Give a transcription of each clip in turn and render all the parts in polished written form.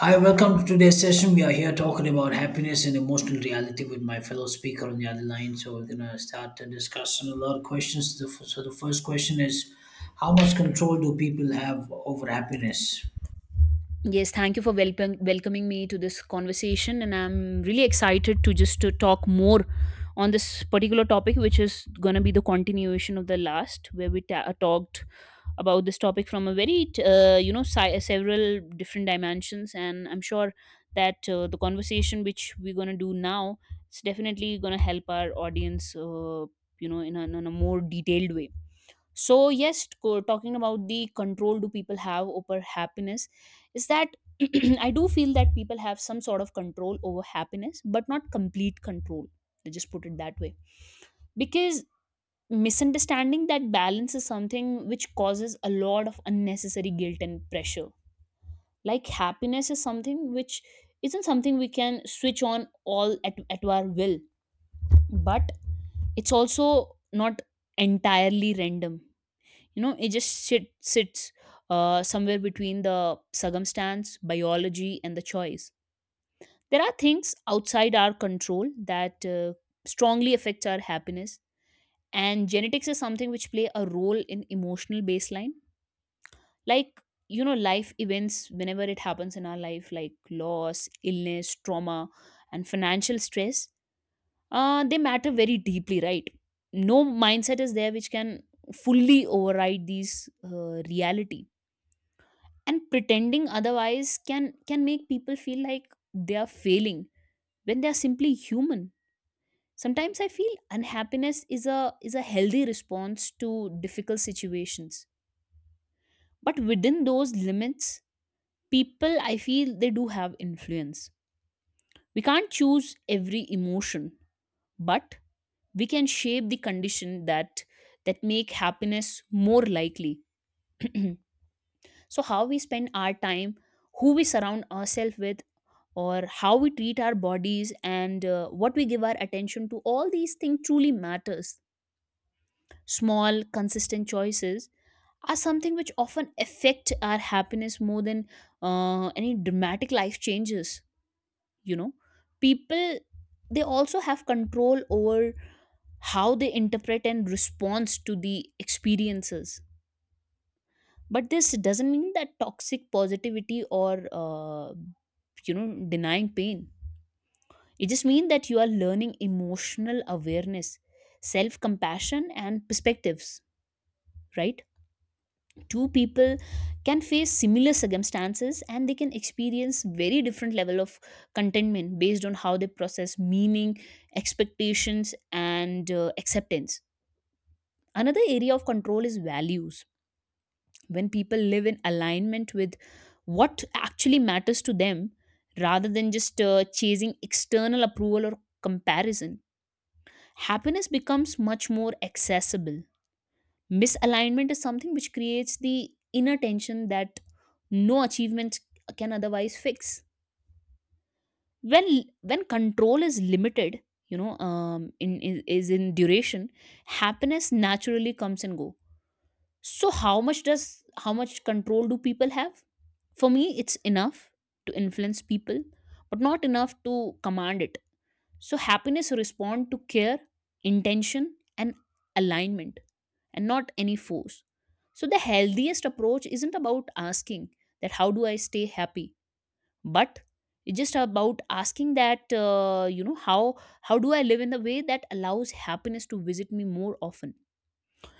Hi, welcome to today's session. We are here talking about happiness and emotional reality with my fellow speaker on the other line. So we're gonna start the discussion. A lot of questions. So the first question is, how much control do people have over happiness? Yes, thank you for welcoming me to this conversation, and I'm really excited to just to talk more on this particular topic, which is going to be the continuation of the last, where we talked about this topic from a very several different dimensions, and I'm sure that the conversation which we're going to do now is definitely going to help our audience, in a more detailed way. So yes, talking about the control do people have over happiness is that I do feel that people have some sort of control over happiness, but not complete control. Let's just put it that way. Because misunderstanding that balance is something which causes a lot of unnecessary guilt and pressure. Like happiness is something which isn't something we can switch on all at our will, but it's also not entirely random. You know, it just sits somewhere between the circumstance biology and the choice. There are things outside our control that strongly affect our happiness, and genetics is something which play a role in emotional baseline. Like, you know, life events whenever it happens in our life like loss, illness, trauma and financial stress, they matter very deeply, right? No mindset is there which can fully override these reality, and pretending otherwise can make people feel like they are failing when they are simply human. Sometimes I feel unhappiness is a healthy response to difficult situations, but within those limits, people, I feel, they do have influence. We can't choose every emotion, but we can shape the condition that that make happiness more likely. So, how we spend our time, who we surround ourselves with, or how we treat our bodies and what we give our attention to, all these things truly matters. Small, consistent choices are something which often affect our happiness more than any dramatic life changes. You know, people, they also have control over how they interpret and respond to the experiences, but this doesn't mean that toxic positivity or you know denying pain. It just means that you are learning emotional awareness, self compassion and perspectives, right? Two people can face similar circumstances and they can experience very different level of contentment based on how they process meaning, expectations and acceptance. Another area of control is values. When people live in alignment with what actually matters to them rather than just chasing external approval or comparison, happiness becomes much more accessible. Misalignment is something which creates the inner tension that no achievement can otherwise fix. When when control is limited, in duration, happiness naturally comes and go. So how much does how much control do people have? For me, it's enough to influence people, but not enough to command it. So happiness respond to care, intention, and alignment, and not any force. So the healthiest approach isn't about asking that how do I stay happy, but it's just about asking that how do I live in the way that allows happiness to visit me more often.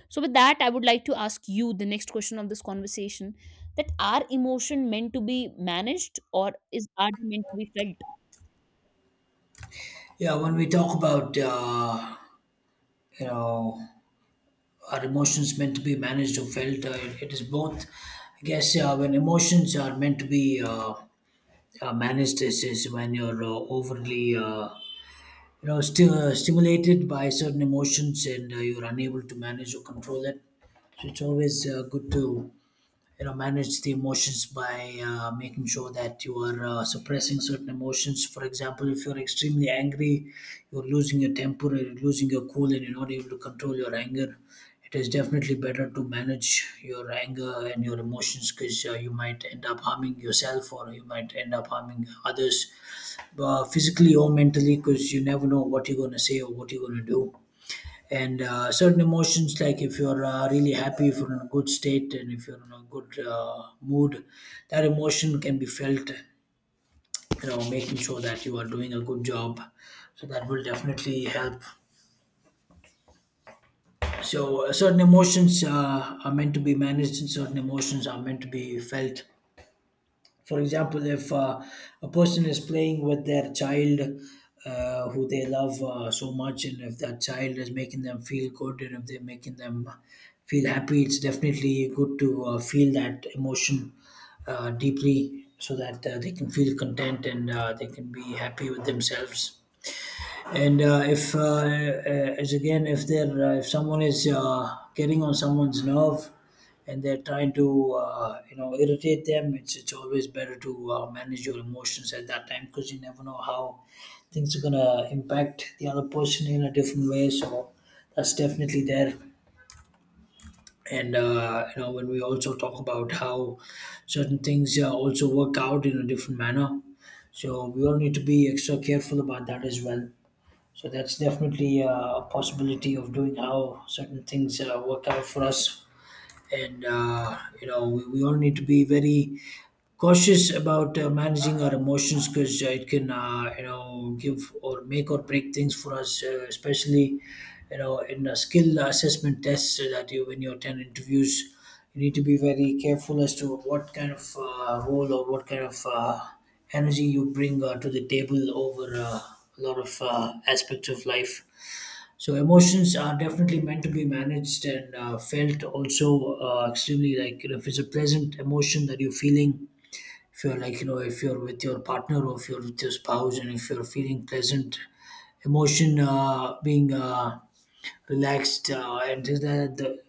So, with that, I would like to ask you the next question of this conversation, that are emotion meant to be managed or is art meant to be felt? Yeah, when we talk about you know our emotions meant to be managed or felt, it is both. I guess when emotions are meant to be managed, this is when you're overly stimulated by certain emotions, and you're unable to manage or control it. So it's always good to manage the emotions by making sure that you are suppressing certain emotions. For example, if you're extremely angry, you're losing your temper, you're losing your cool, and you're not able to control your anger, it is definitely better to manage your anger and your emotions, because you might end up harming yourself or you might end up harming others physically or mentally, because you never know what you're going to say or what you're going to do. And certain emotions, like if you're really happy, if you're in a good state and if you're in a good mood, that emotion can be felt, you know, making sure that you are doing a good job, so that will definitely help. So certain emotions are meant to be managed and certain emotions are meant to be felt. For example, if a person is playing with their child who they love so much, and if that child is making them feel good and if they're making them feel happy, it's definitely good to feel that emotion deeply, so that they can feel content and they can be happy with themselves. And if, as again, if they're if someone is getting on someone's nerve, and they're trying to irritate them, it's always better to manage your emotions at that time, because you never know how things are gonna impact the other person in a different way. So that's definitely there. And you know, when we also talk about how certain things also work out in a different manner, so we all need to be extra careful about that as well. So that's definitely a possibility of doing how certain things work out for us. And, you know, we all need to be very cautious about managing our emotions, because it, can, give or make or break things for us, especially you know in a skill assessment tests, so that you, when you attend interviews, you need to be very careful as to what kind of role or what kind of energy you bring to the table over a lot of aspects of life. So emotions are definitely meant to be managed and felt also extremely, like you know, if it's a pleasant emotion that you're feeling, if you're like you know, if you're with your partner or if you're with your spouse and if you're feeling pleasant emotion, being relaxed, and the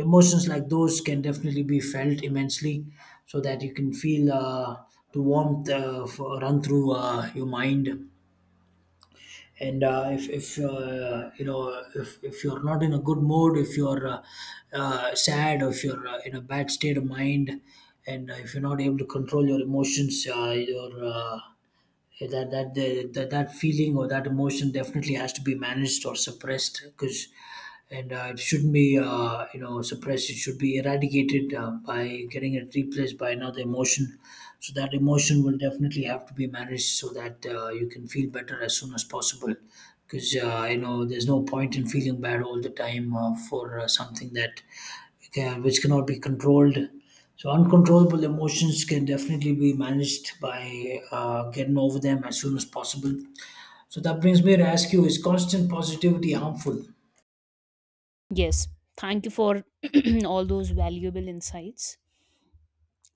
emotions like those can definitely be felt immensely, so that you can feel the warmth run through your mind. And if you know, if you're not in a good mood, if you're sad, or if you're in a bad state of mind, and if you're not able to control your emotions, your yeah, that that the, that that feeling or that emotion definitely has to be managed or suppressed, because and it shouldn't be suppressed, it should be eradicated by getting it replaced by another emotion. So that emotion will definitely have to be managed, so that you can feel better as soon as possible, because you know there's no point in feeling bad all the time for something that yeah, which cannot be controlled. So uncontrollable emotions can definitely be managed by getting over them as soon as possible. So that brings me to ask you: is constant positivity harmful? Yes. Thank you for all those valuable insights.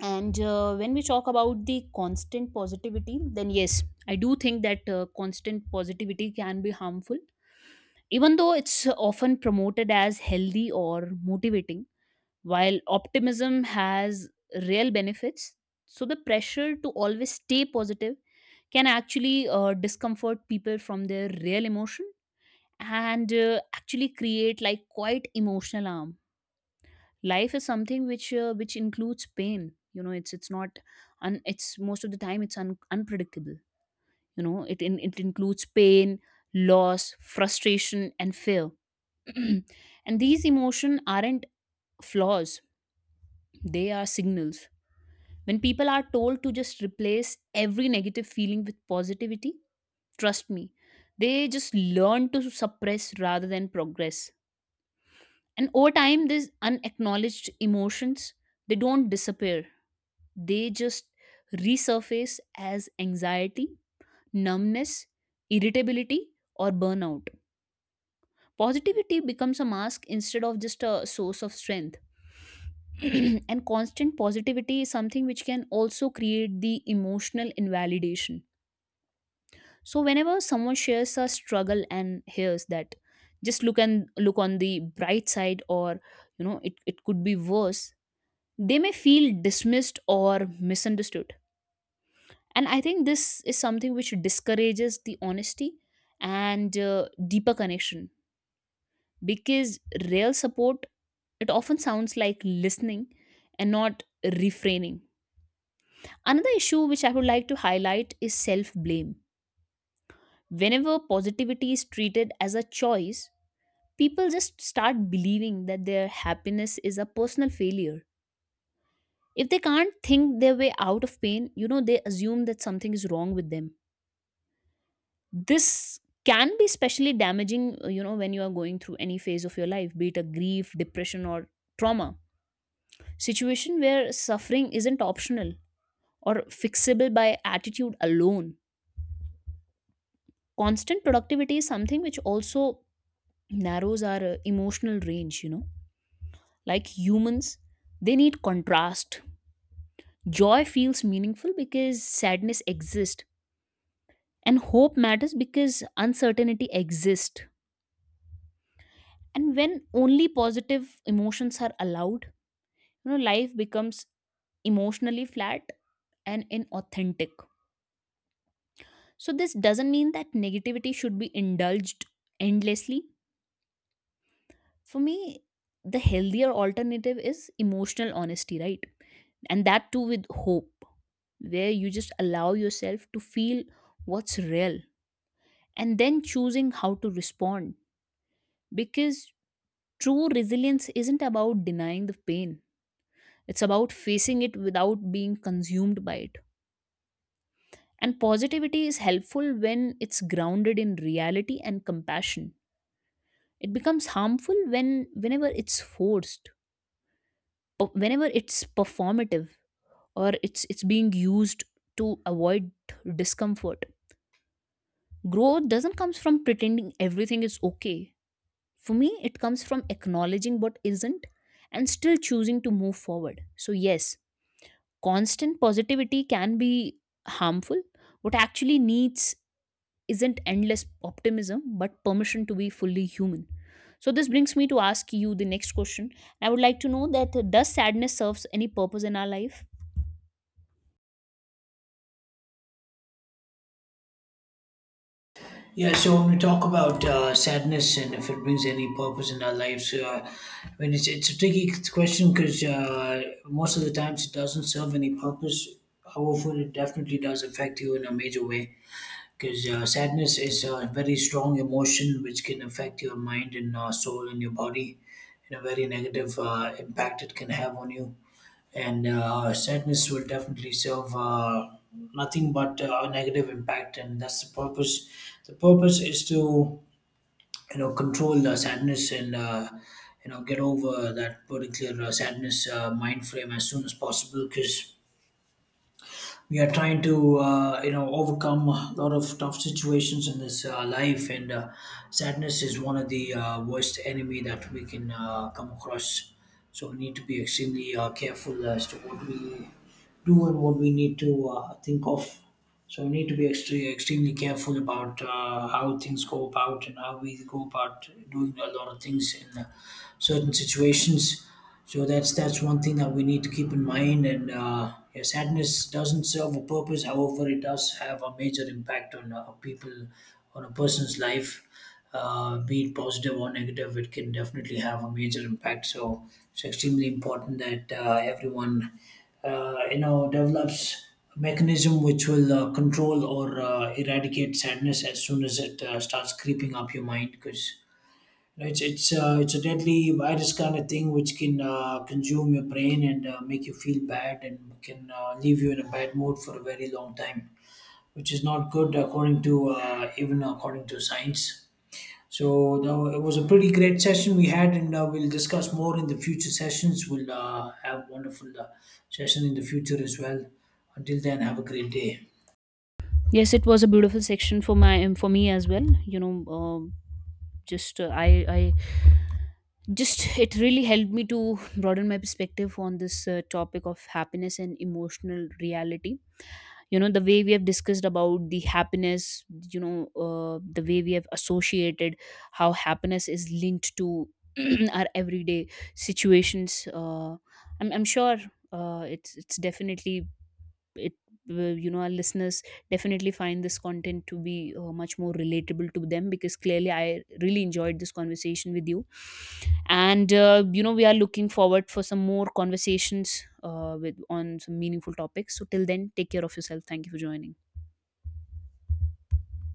And when we talk about the constant positivity, then yes, I do think that constant positivity can be harmful. Even though it's often promoted as healthy or motivating, while optimism has real benefits, so the pressure to always stay positive can actually discomfort people from their real emotion and actually create like quite emotional harm. Life is something which includes pain. You know, it's not it's most of the time it's unpredictable. You know it it includes pain, loss, frustration and fear. And these emotions aren't flaws, they are signals. When people are told to just replace every negative feeling with positivity, trust me, they just learn to suppress rather than progress. And over time these unacknowledged emotions, they don't disappear, they just resurface as anxiety, numbness, irritability or burnout. Positivity becomes a mask instead of just a source of strength. And constant positivity is something which can also create the emotional invalidation. So whenever someone shares a struggle and hears that, just look and look on the bright side, or you know, it could be worse, they may feel dismissed or misunderstood. And I think this is something which discourages the honesty and deeper connection, because real support, it often sounds like listening and not refraining. Another issue which I would like to highlight is self blame. Whenever positivity is treated as a choice, people just start believing that their happiness is a personal failure. If they can't think their way out of pain, you know, they assume that something is wrong with them. This can be especially damaging, you know, when you are going through any phase of your life, be it a grief, depression, or trauma. Situation where suffering isn't optional or fixable by attitude alone. Constant productivity is something which also narrows our emotional range, you know. Like humans, they need contrast. Joy feels meaningful because sadness exists, and hope matters because uncertainty exists. And when only positive emotions are allowed, you know, life becomes emotionally flat and inauthentic. So, this doesn't mean that negativity should be indulged endlessly. For me, the healthier alternative is emotional honesty, right? And that too with hope, where you just allow yourself to feel what's real and then choosing how to respond. Because true resilience isn't about denying the pain, it's about facing it without being consumed by it. And positivity is helpful when it's grounded in reality and compassion. It becomes harmful when whenever it's forced, whenever it's performative or it's being used to avoid discomfort. Growth doesn't come from pretending everything is okay. For me, it comes from acknowledging what isn't and still choosing to move forward. So, yes, constant positivity can be harmful. What actually needs isn't endless optimism, but permission to be fully human. So, this brings me to ask you the next question. I would like to know that does sadness serves any purpose in our life? Yeah, so when we talk about sadness and if it brings any purpose in our lives, I mean, it's a tricky question, because most of the times it doesn't serve any purpose. However, it definitely does affect you in a major way, because sadness is a very strong emotion which can affect your mind and soul and your body in a very negative impact it can have on you. And sadness will definitely serve nothing but a negative impact, and that's the purpose. The purpose is to you know control the sadness, and you know get over that particular sadness mind frame as soon as possible, because we are trying to overcome a lot of tough situations in this life. And sadness is one of the worst enemy that we can come across. So we need to be extremely careful as to what we do and what we need to think of. So we need to be extremely careful about how things go about and how we go about doing a lot of things in certain situations. So that's one thing that we need to keep in mind. And yeah, sadness doesn't serve a purpose. However, it does have a major impact on people, on a person's life, be it positive or negative, it can definitely have a major impact. So it's extremely important that everyone, develops a mechanism which will control or eradicate sadness as soon as it starts creeping up your mind. Because you know, it's a deadly virus kind of thing which can consume your brain and make you feel bad and can leave you in a bad mood for a very long time, which is not good according to even according to science. So that, it was a pretty great session we had, and we'll discuss more in the future sessions. We'll have wonderful session in the future as well. Until then, have a great day. Yes, it was a beautiful section for my for me as well. You know, just I just it really helped me to broaden my perspective on this topic of happiness and emotional reality. You know the way we have discussed about the happiness, you know, the way we have associated how happiness is linked to our everyday situations. I'm sure it's definitely it, you know, our listeners definitely find this content to be much more relatable to them, because clearly I really enjoyed this conversation with you. And you know, we are looking forward for some more conversations with on some meaningful topics. So till then, take care of yourself. Thank you for joining.